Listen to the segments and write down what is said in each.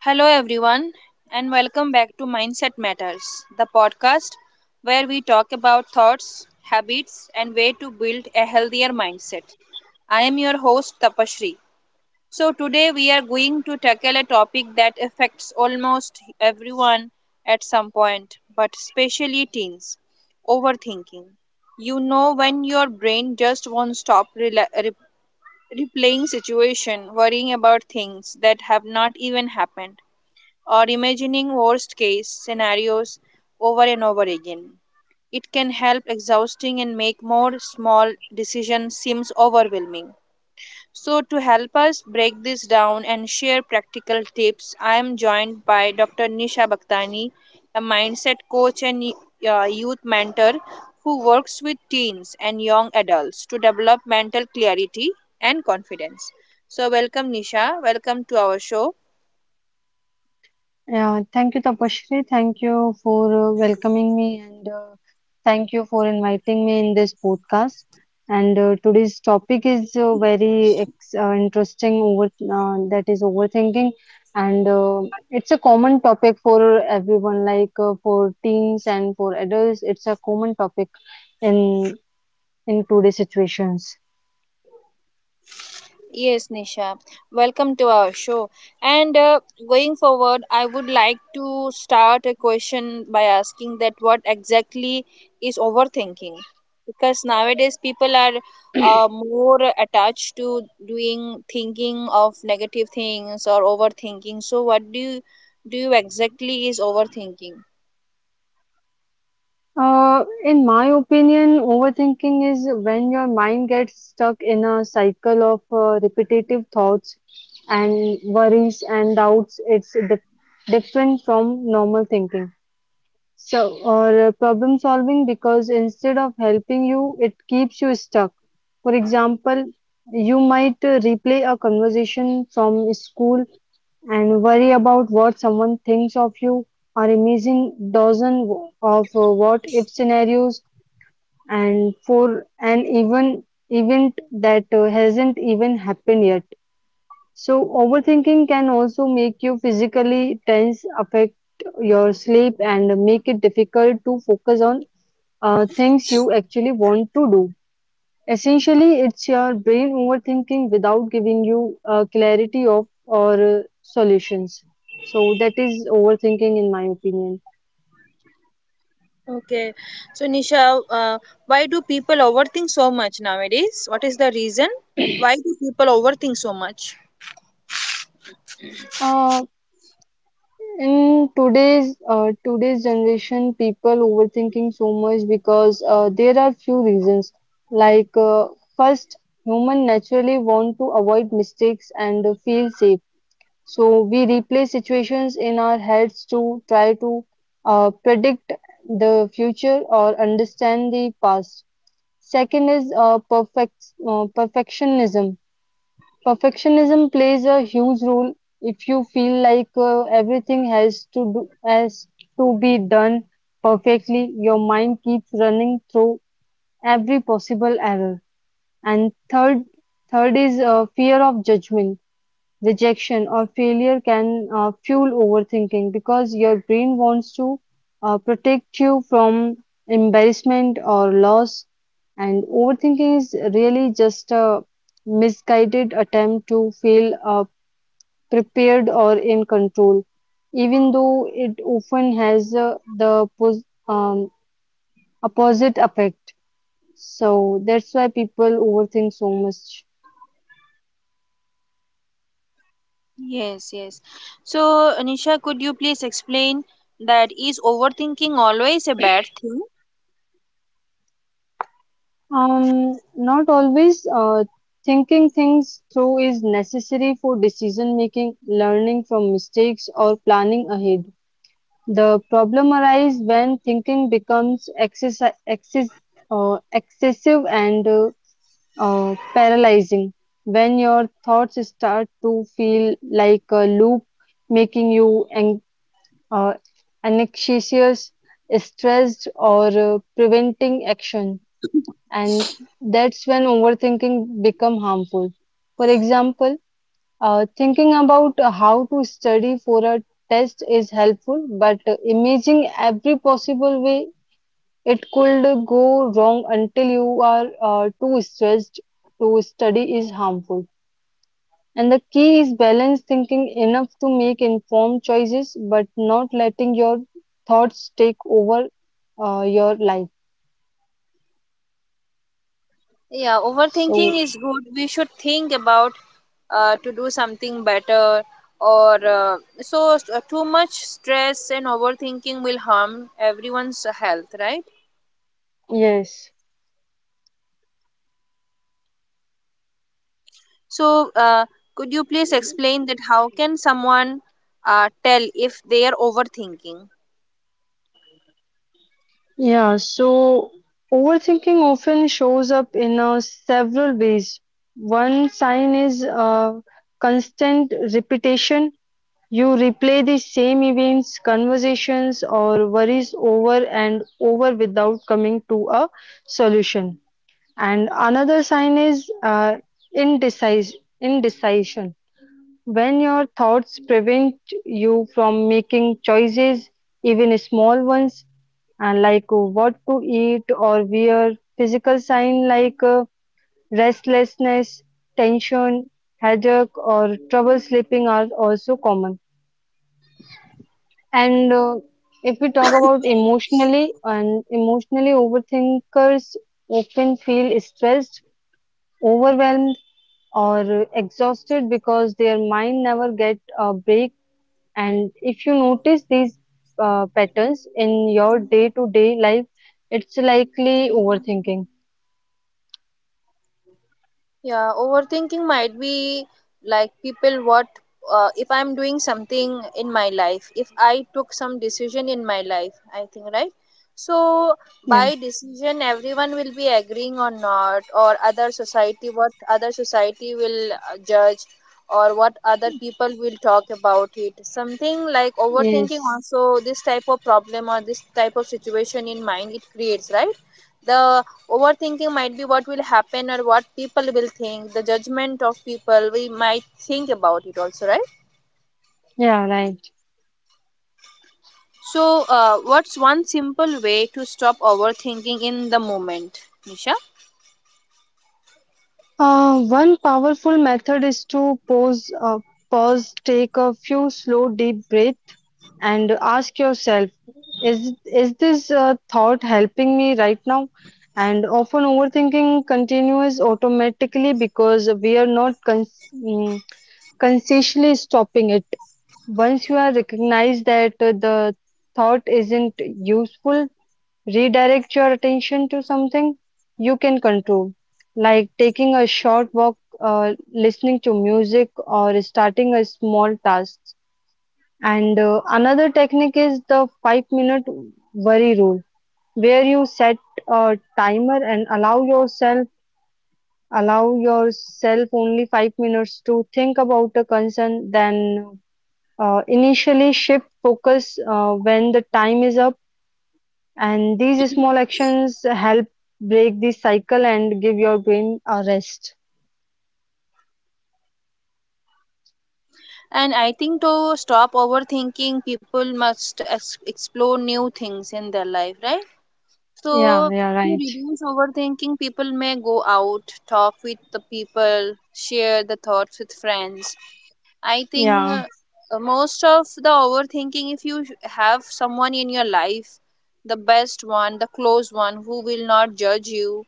Hello, everyone, and welcome back to Mindset Matters, the podcast where we talk about thoughts, habits, and way to build a healthier mindset. I am your host, Tapashri. So, today we are going to tackle a topic that affects almost everyone at some point, but especially teens overthinking. You know, when your brain just won't stop replaying situation, worrying about things that have not even happened or imagining worst case scenarios over and over again. It can help exhausting and make more small decisions seems overwhelming. So to help us break this down and share practical tips, I am joined by Dr. Nisha Bhaktani, a mindset coach and youth mentor who works with teens and young adults to develop mental clarity and confidence. So welcome, Nisha, welcome to our show. Yeah, thank you, Tapashri. Thank you for welcoming me, and thank you for inviting me in this podcast. And today's topic is very ex interesting over that is overthinking, and it's a common topic for everyone, like for teens and for adults. It's a common topic in in today's situations. Yes, Nisha. Welcome to our show. And going forward, I would like to start a question by asking that what exactly is overthinking? Because nowadays people are more attached to doing thinking of negative things or overthinking. So what do you exactly is overthinking? In my opinion, overthinking is when your mind gets stuck in a cycle of repetitive thoughts and worries and doubts. It's different from normal thinking. So, or problem solving, because instead of helping you, it keeps you stuck. For example, you might replay a conversation from school and worry about what someone thinks of you, or imagine dozen of what if scenarios, and for an event that hasn't even happened yet. So overthinking can also make you physically tense, affect your sleep, and make it difficult to focus on things you actually want to do. Essentially, it's your brain overthinking without giving you clarity of or solutions. So that is overthinking, in my opinion. Okay. So Nisha, why do people overthink so much nowadays? What is the reason? Why do people overthink so much? Uh, in today's generation, people overthinking so much because there are few reasons. Like first, human naturally want to avoid mistakes and feel safe. So we replay situations in our heads to try to predict the future or understand the past. Second is perfectionism. Perfectionism plays a huge role. If you feel like everything has to be done perfectly, your mind keeps running through every possible error. And third is fear of judgment. Rejection or failure can fuel overthinking because your brain wants to protect you from embarrassment or loss. And overthinking is really just a misguided attempt to feel prepared or in control, even though it often has the um, opposite effect. So that's why people overthink so much. Yes, yes. So, Anisha, could you please explain that is overthinking always a bad thing? Not always. Thinking things through is necessary for decision making, learning from mistakes, or planning ahead. The problem arises when thinking becomes excessive and paralyzing. When your thoughts start to feel like a loop, making you uh, anxious, stressed, or preventing action, and that's when overthinking become harmful. For example, thinking about how to study for a test is helpful, but imagining every possible way it could go wrong until you are too stressed to study is harmful. And the key is balanced thinking, enough to make informed choices but not letting your thoughts take over your life. Yeah, So overthinking is good. We should think about to do something better or so too much stress and overthinking will harm everyone's health, right? yes. So, could you please explain that how can someone tell if they are overthinking? Yeah, so overthinking often shows up in several ways. One sign is constant repetition. You replay the same events, conversations, or worries over and over without coming to a solution. And another sign is indecis indecision. When your thoughts prevent you from making choices, even small ones, and like what to eat or wear. Physical sign like restlessness, tension, headache, or trouble sleeping are also common. And if we talk about emotionally, and emotionally overthinkers often feel stressed, overwhelmed, or exhausted because their mind never get a break. And if you notice these patterns in your day-to-day life, it's likely overthinking. Yeah, overthinking might be like people what, if I'm doing something in my life, if I took some decision in my life, I think, right? So Yeah. by decision, everyone will be agreeing or not, or other society, what other society will judge, or what other people will talk about it. Something like overthinking Yes. also this type of problem or this type of situation in mind it creates, right? The overthinking might be what will happen or what people will think, the judgment of people, we might think about it also, right? Yeah, right. So, what's one simple way to stop overthinking in the moment, Nisha? One powerful method is to pause, take a few slow, deep breath, and ask yourself, is this thought helping me right now? And often overthinking continues automatically because we are not consciously stopping it. Once you are recognized that the thought isn't useful, redirect your attention to something you can control, like taking a short walk, listening to music, or starting a small task. And another technique is the 5 minute worry rule, where you set a timer and allow yourself only 5 minutes to think about a concern, then initially shift focus when the time is up. And these small actions help break this cycle and give your brain a rest. And I think to stop overthinking, people must explore new things in their life, right? Yeah, So, yeah, to right. reduce overthinking, people may go out, talk with the people, share the thoughts with friends. I think Yeah. Most of the overthinking, if you have someone in your life, the best one, the close one, who will not judge you,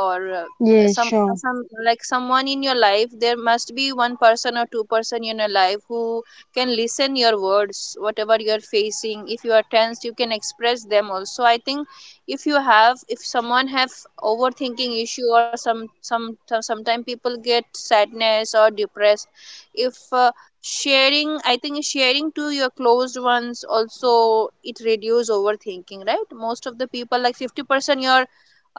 or uh, Yes, some uh, sure. some like someone in your life, there must be one person or two person in your life who can listen your words whatever you're facing. If you are tense you can express them also. I think if someone have overthinking issue or sometimes people get sadness or depressed, if sharing, I think sharing to your closed ones also it reduce overthinking, right? Most of the people like 50%, your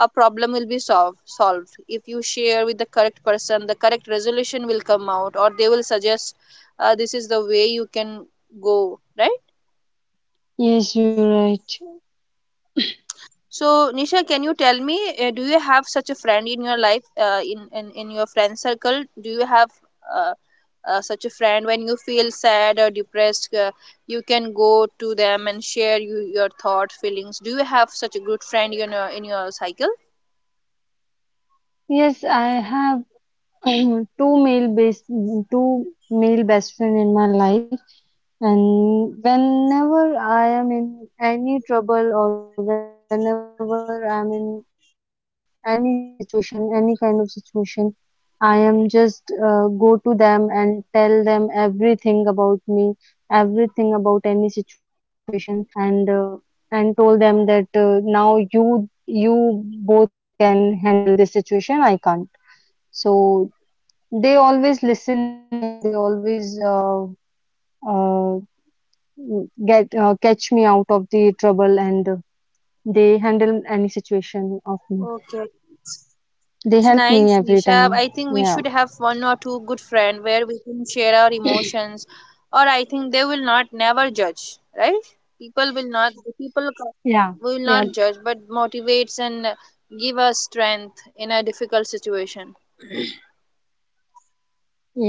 a problem will be solved if you share with the correct person, the correct resolution will come out, or they will suggest this is the way you can go, right? Yes, you're right. So Nisha, can you tell me, do you have such a friend in your life, in, in your friend circle? Do you have uh, such a friend when you feel sad or depressed, you can go to them and share your thoughts, feelings? Do you have such a good friend in your cycle? Yes, I have two male best two male best friend in my life, and whenever I am in any trouble or whenever I'm in any situation, any kind of situation, I am just go to them and tell them everything about me, everything about any situation, and uh, and told them that now you both can handle this situation. I can't. So they always listen me, and they always uh, get catch me out of the trouble, and they handle any situation of me. Okay, it's They help nice, me every Nisha. I time. think we should Yeah, have one or two good friend where we can share our emotions, or I think they will not never judge, right? People will not, The people co- will yeah, not yeah, judge, but motivates and give us strength in a difficult situation.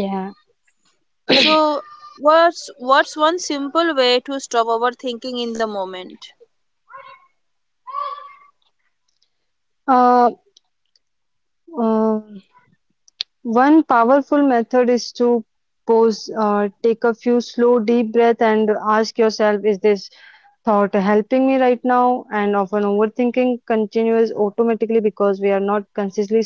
yeah. So, what's one simple way to stop overthinking in the moment? Uh. Uh, One powerful method is to take a few slow, deep breath, and ask yourself, is this thought helping me right now? And often overthinking continues automatically because we are not consciously stopping it.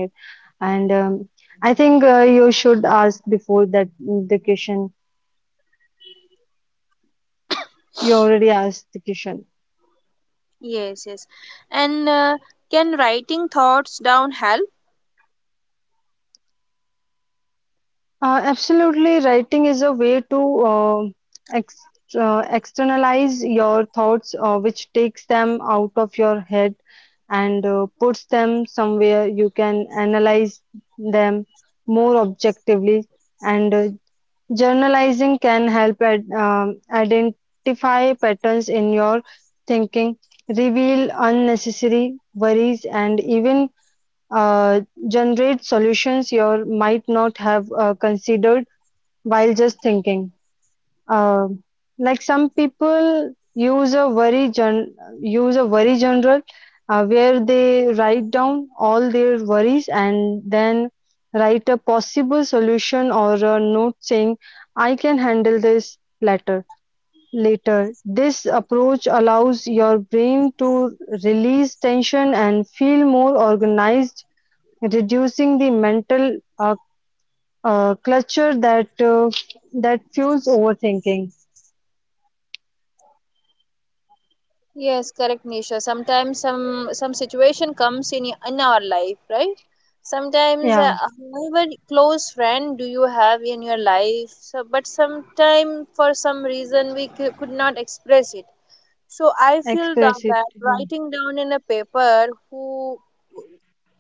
And I think you should ask before that the question. You already asked the question. Yes, yes. And can writing thoughts down help? Absolutely, writing is a way to ex externalize your thoughts, which takes them out of your head and puts them somewhere you can analyze them more objectively. And journalizing can help identify patterns in your thinking, reveal unnecessary worries, and even uh, generate solutions you might not have considered while just thinking. Um, like some people use a worry journal where they write down all their worries and then write a possible solution or a note saying, "I can handle this later." Later, this approach allows your brain to release tension and feel more organized, reducing the mental clutter that that fuels overthinking. Yes, correct, Nisha. Sometimes some situation comes in our life, right? Sometimes, Yeah, however close friend do you have in your life, so, but sometime for some reason we could not express it. So I feel express that, it. that Yeah, writing down in a paper who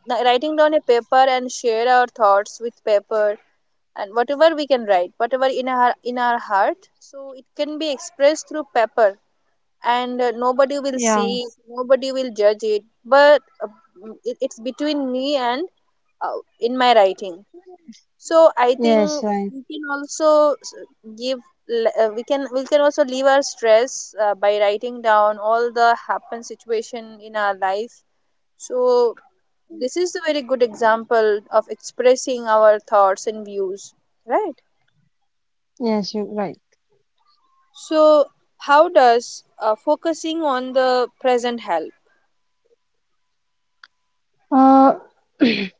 the- writing down a paper and share our thoughts with paper. And whatever we can write whatever in our heart, so it can be expressed through paper, and nobody will yeah. see, nobody will judge it, but it's between me and, in my writing. So I think Yes, right. we can also give we can also leave our stress, by writing down all the happen situation in our life. So this is a very good example of expressing our thoughts and views, right? Yes, you're right. So how does focusing on the present help? Uh,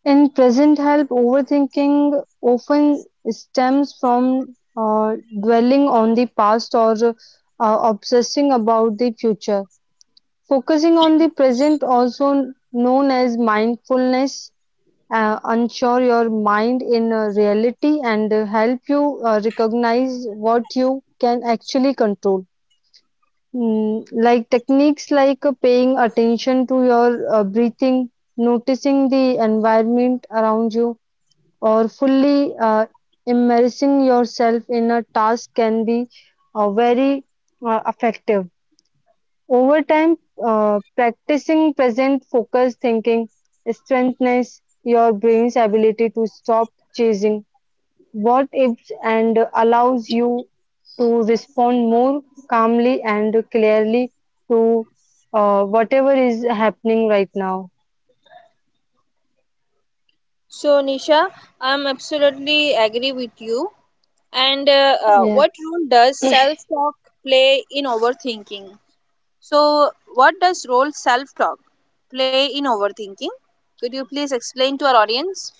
in present help, overthinking often stems from dwelling on the past or obsessing about the future. Focusing on the present, also known as mindfulness, anchor your mind in reality and help you recognize what you can actually control. Like techniques like paying attention to your breathing, noticing the environment around you, or fully immersing yourself in a task can be very effective. Over time, practicing present focused thinking strengthens your brain's ability to stop chasing what ifs and allows you to respond more calmly and clearly to whatever is happening right now. So, Nisha, I'm absolutely agree with you. And Yeah, what role does self talk play in overthinking? So, what does role self talk play in overthinking? Could you please explain to our audience?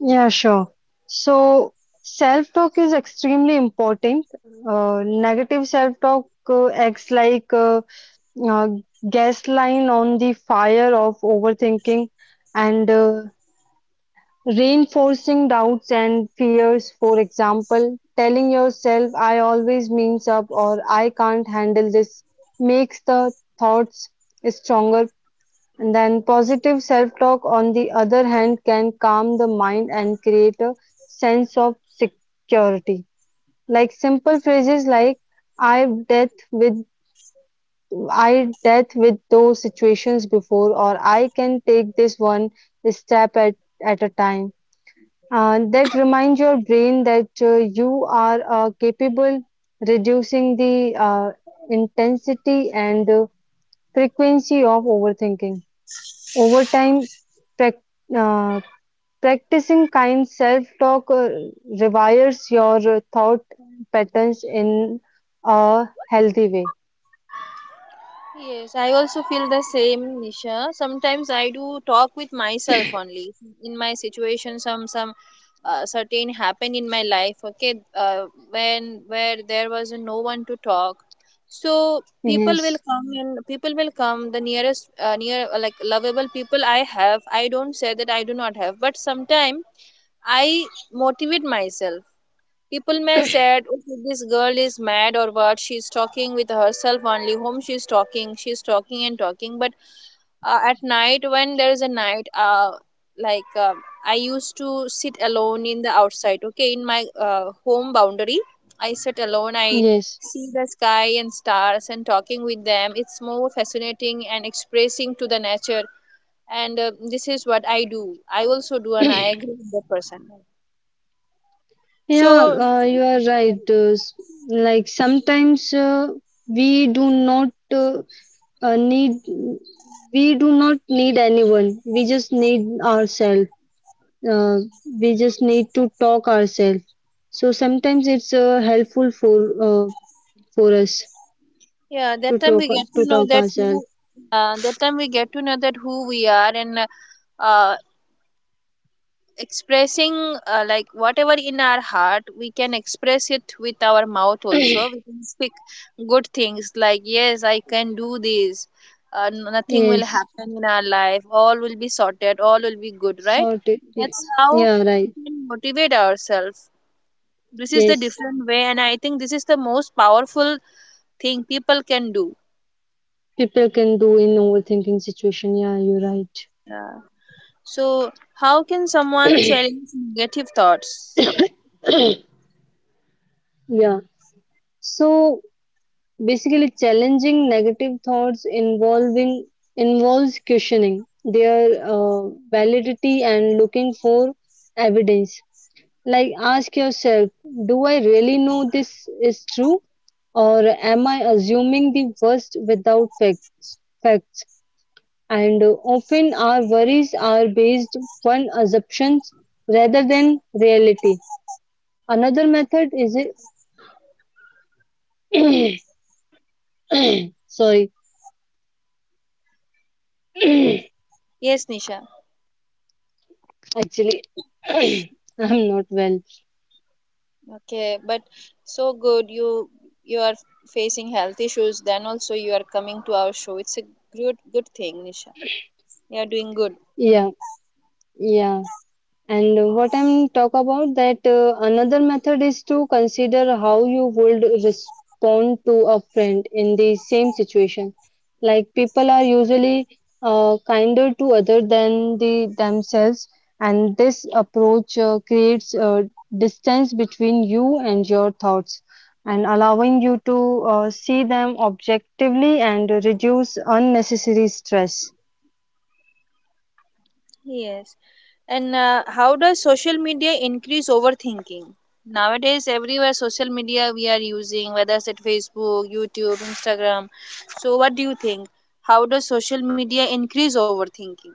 yeah, sure. So, self talk is extremely important. Negative self talk acts like uh, gas line on the fire of overthinking and reinforcing doubts and fears. For example, telling yourself, I always means up or I can't handle this, makes the thoughts stronger. And then positive self talk, on the other hand, can calm the mind and create a sense of security. Like simple phrases like, I've dealt with I dealt with those situations before, or I can take this one step at, at a time. That reminds your brain that you are capable, reducing the intensity and frequency of overthinking. Over time, prac- uh, practicing kind self talk rewires your thought patterns in a healthy way. Yes, I also feel the same, Nisha. Sometimes I do talk with myself only. In my situation, some certain happened in my life. Okay, when where there was no one to talk, so people will Yes, come and people will come. The near like lovable people I have. I don't say that I do not have, but sometimes I motivate myself. People may said, okay, this girl is mad or what? She's talking with herself only. Whom she's talking? She's talking and talking. But at night, when there is a night, like, I used to sit alone in the outside. Okay, in my home boundary, I sit alone. I yes. see the sky and stars and talking with them. It's more fascinating and expressing to the nature. And this is what I do. I also do, and I agree with the person. Yeah, So. You are Yeah. right. Like sometimes we do uh, uh, need not need anyone. We just need ourselves. Uh, we just need to talk ourselves. So sometimes it's helpful for us Yeah, to talk to talk ourselves. That time we get to know that who we are, and uh, expressing, like, whatever in our heart, we can express it with our mouth also. We can speak good things like yes, I can do this. Nothing will Yes, happen in our life. All will be sorted. All will be good, right? sorted. Yeah, That's how yeah, we right. can motivate ourselves. This is the Yes, different way, and I think this is the most powerful thing people can do. people can do in overthinking situation. Yeah, you're right. Yeah. So, how can someone challenge negative thoughts? Yeah. So basically, challenging negative thoughts involving involves questioning their validity and looking for evidence. Like ask yourself, do I really know this is true, or am I assuming the worst without facts? And often our worries are based on assumptions rather than reality. Another method is sorry. Yes, Nisha. Actually, I'm not well. Okay, but so good you are facing health issues. Then also you are coming to our show. It's a good thing, Nisha. You are doing good. Yeah, yeah. And what I'm talk about, that another method is to consider how you would respond to a friend in the same situation. Like people are usually kinder to other than the themselves, and this approach creates a distance between you and your thoughts, and allowing you to see them objectively and reduce unnecessary stress. Yes. And how does social media increase overthinking? Nowadays, everywhere social media we are using, whether it's at Facebook, YouTube, Instagram. So, what do you think? How does social media increase overthinking?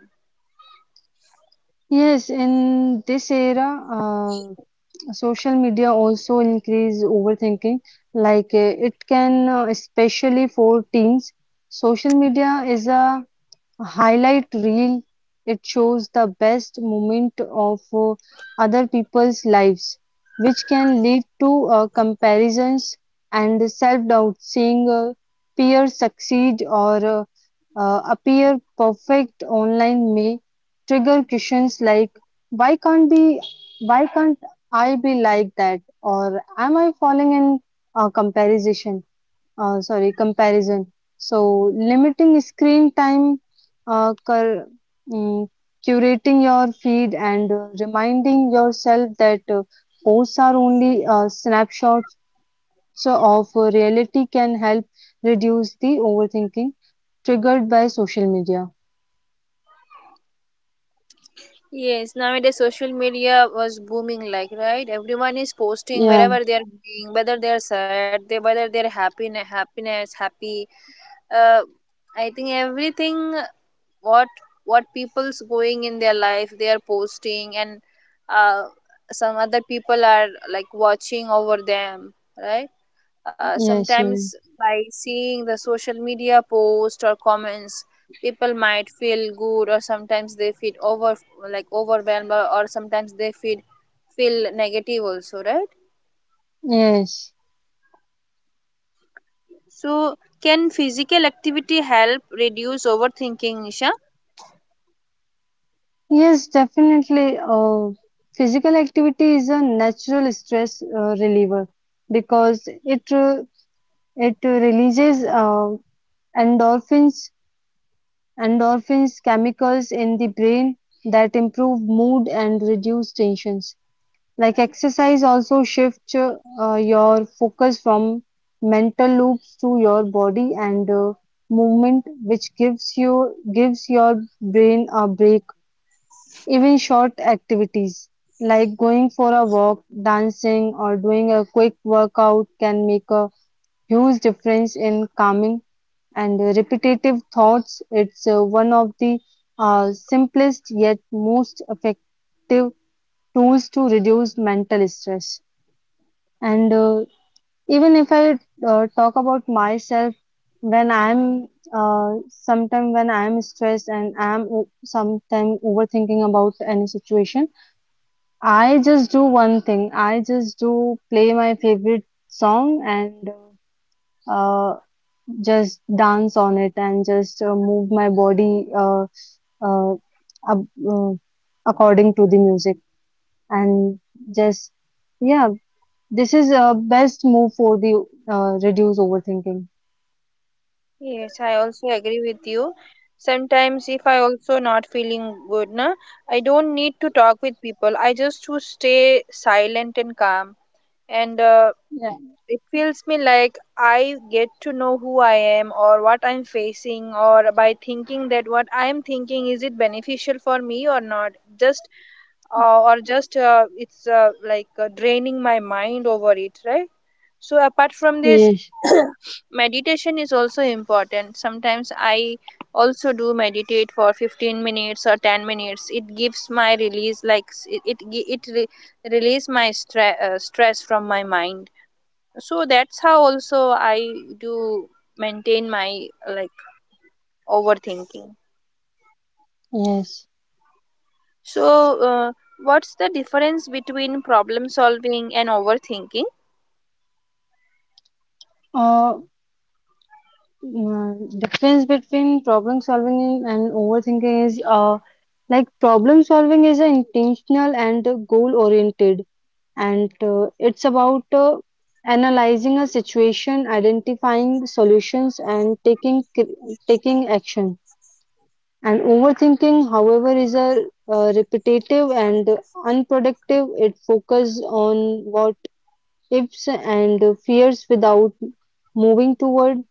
Yes, in this era, social media also increase overthinking. Like it can especially for teens, social media is a highlight reel. It shows the best moment of other people's lives, which can lead to comparisons and self-doubt. Seeing peers succeed or appear perfect online may trigger questions like why can't be why can't I be like that, or am I falling in a comparison. So limiting screen time, uh, cur mm, curating your feed, and reminding yourself that posts are only snapshots of reality can help reduce the overthinking triggered by social media. Yes, nowadays social media was booming, like, right. Everyone is posting Yeah, wherever they are being, whether they are sad, they whether they are happy, happiness, happy. Uh, I think everything what what people's going in their life, they are posting, and uh, some other people are like watching over them, right? Yes, you're right. Sometimes by seeing the social media post or comments, people might feel good, or sometimes they feel over like overwhelmed, or sometimes they feel negative also, right? Yes, So, can physical activity help reduce overthinking, Nisha? yes, definitely. Physical activity is a natural stress reliever because it releases endorphins, endorphins chemicals in the brain that improve mood and reduce tensions. Like exercise also shifts your focus from mental loops to your body and movement, which gives your brain a break. Even short activities like going for a walk, dancing, or doing a quick workout can make a huge difference in calming and repetitive thoughts. It's one of the simplest yet most effective tools to reduce mental stress. And even if I talk about myself, when I'm sometime when I'm stressed and sometime overthinking about any situation, I just do one thing. I just do play my favorite song and. Uh, just dance on it and just move my body uh, ab- uh, according to the music and just yeah, this is a best move for the reduce overthinking. Yes, I also agree with you. Sometimes, if I also not feeling good, na, I don't need to talk with people. I just to stay silent and calm, and Yeah, it feels me like I get to know who I am or what I'm facing, or by thinking that what I'm thinking is it beneficial for me or not. Just or just it's like draining my mind over it, right? So apart from this, yes, meditation is also important. Sometimes I also do meditate for 15 minutes or 10 minutes. It gives my release, like it release my stress from my mind. So that's how also I do maintain my, like, overthinking. yes. So uh, what's the difference between problem solving and overthinking? uh, Difference between problem solving and overthinking is like problem solving is a intentional and goal oriented, and it's about analyzing a situation, identifying solutions, and taking action. And overthinking however is a repetitive and unproductive. It focuses on what ifs and fears without moving toward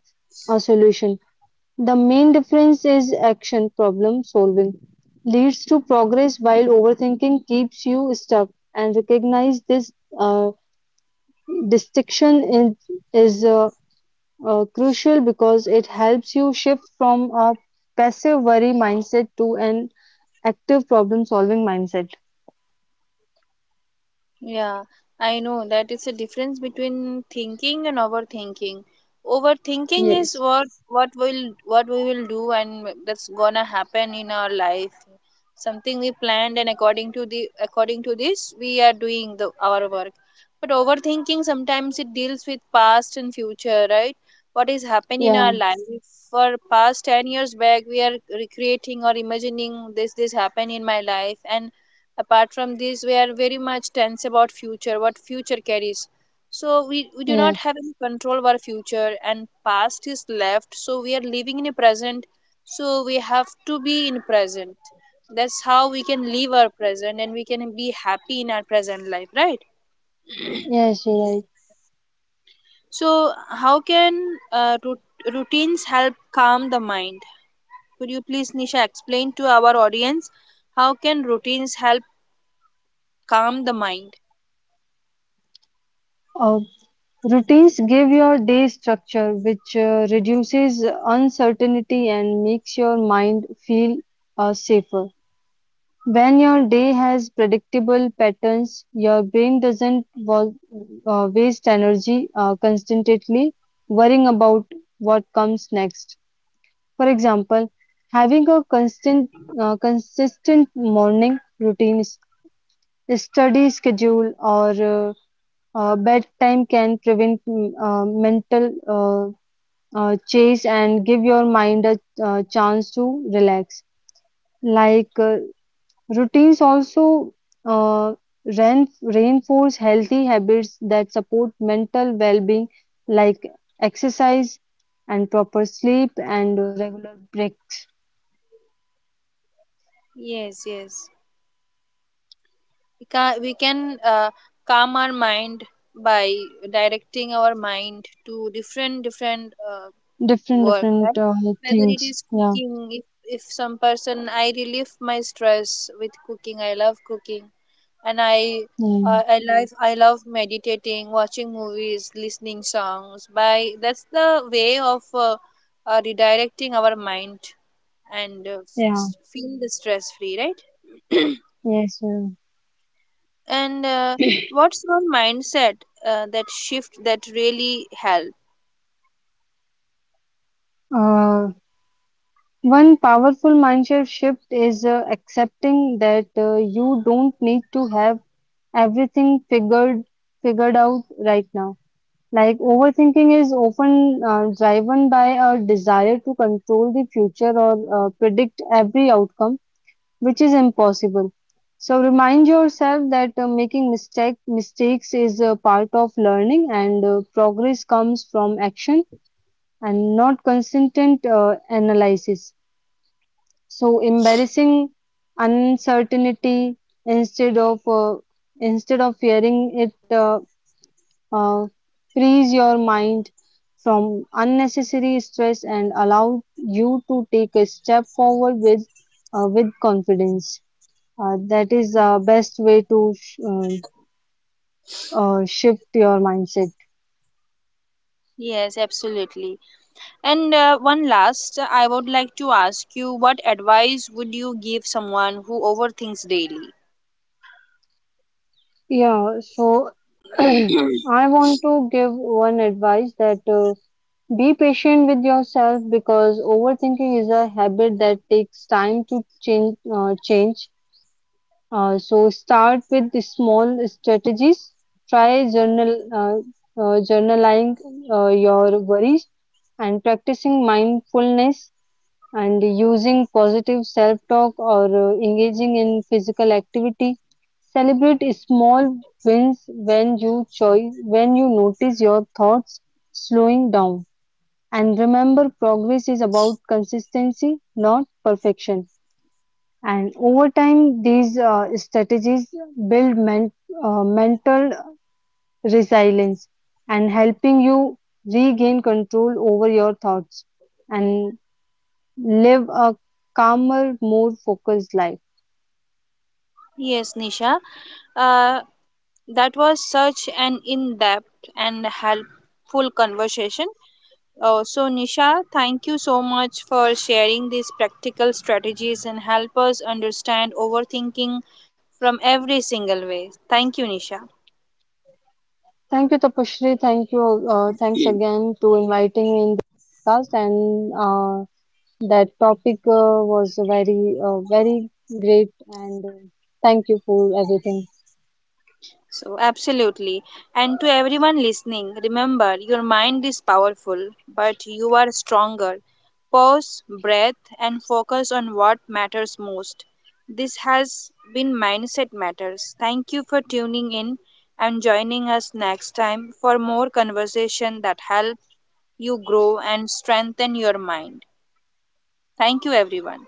a solution. The main difference is action. Problem solving leads to progress while overthinking keeps you stuck, and recognize this uh, distinction is crucial because it helps you shift from a passive worry mindset to an active problem solving mindset. Yeah, I know that it's a difference between thinking and overthinking. Overthinking is Yes. what we will do, and that's gonna happen in our life. Something we planned, and according to this we are doing the our work. But overthinking sometimes it deals with past and future, right? What is happened in our Yeah. life for past 10 years back, we are recreating or imagining this happened in my life. And apart from this, we are very much tense about future, what future carries. So we do Yeah. not have any control of our future, and past is left, so we are living in a present. So we have to be in present. That's how we can live our present, and we can be happy in our present life, right? Yes, you're right. So how can routines help calm the mind? Could you please, Nisha, explain to our audience how can routines help calm the mind? Uh, Routines give your day structure, which reduces uncertainty and makes your mind feel safer. When your day has predictable patterns, your brain doesn't waste energy constantly worrying about what comes next. For example, having a consistent morning routine, study schedule, or bedtime can prevent mental chase and give your mind a chance to relax. Like uh, Routines also uh, reinforce healthy habits that support mental well-being, like exercise and proper sleep and regular break. Yes, yes. We can calm our mind by directing our mind to different Different, work, different right? Whether it things. is Yeah, cooking, if some person, I relieve my stress with cooking. I love cooking, and i yeah, uh, i love i love meditating, watching movies, listening songs by, that's the way of redirecting our mind, and yeah. Feel the stress free, right? Yes. Yeah. And what's one mindset that shift that really helped? Uh, One powerful mindset shift is accepting that you don't need to have everything figured out right now. Like overthinking is often driven by a desire to control the future or predict every outcome, which is impossible. So remind yourself that making mistakes is a part of learning, and progress comes from action and not consistent analysis. So embarrassing uncertainty instead of uh, instead of fearing it. Uh, Frees your mind from unnecessary stress and allow you to take a step forward with confidence. That is the best way to shift your mindset. Yes, absolutely. And one last, I would like to ask you what advice would you give someone who overthinks daily? Yeah, so I want to give one advice that be patient with yourself because overthinking is a habit that takes time to change. So start with the small strategies. Try journaling your worries and practicing mindfulness and using positive self-talk or engaging in physical activity. Celebrate small wins when you when you notice your thoughts slowing down. And remember, progress is about consistency, not perfection. And over time, these strategies build mental resilience and helping you regain control over your thoughts and live a calmer, more focused life. Yes, Nisha. Uh, that was such an in depth and helpful conversation. Oh, so Nisha, thank you so much for sharing these practical strategies and help us understand overthinking from every single way. Thank you, Nisha. Thank you, Tapashri. Thank you. Thanks again to inviting me in the podcast. And that topic was very great. And thank you for everything. So, absolutely. And to everyone listening, remember your mind is powerful, but you are stronger. Pause, breath, and focus on what matters most. This has been Mindset Matters. Thank you for tuning in and joining us next time for more conversation that help you grow and strengthen your mind. Thank you, everyone.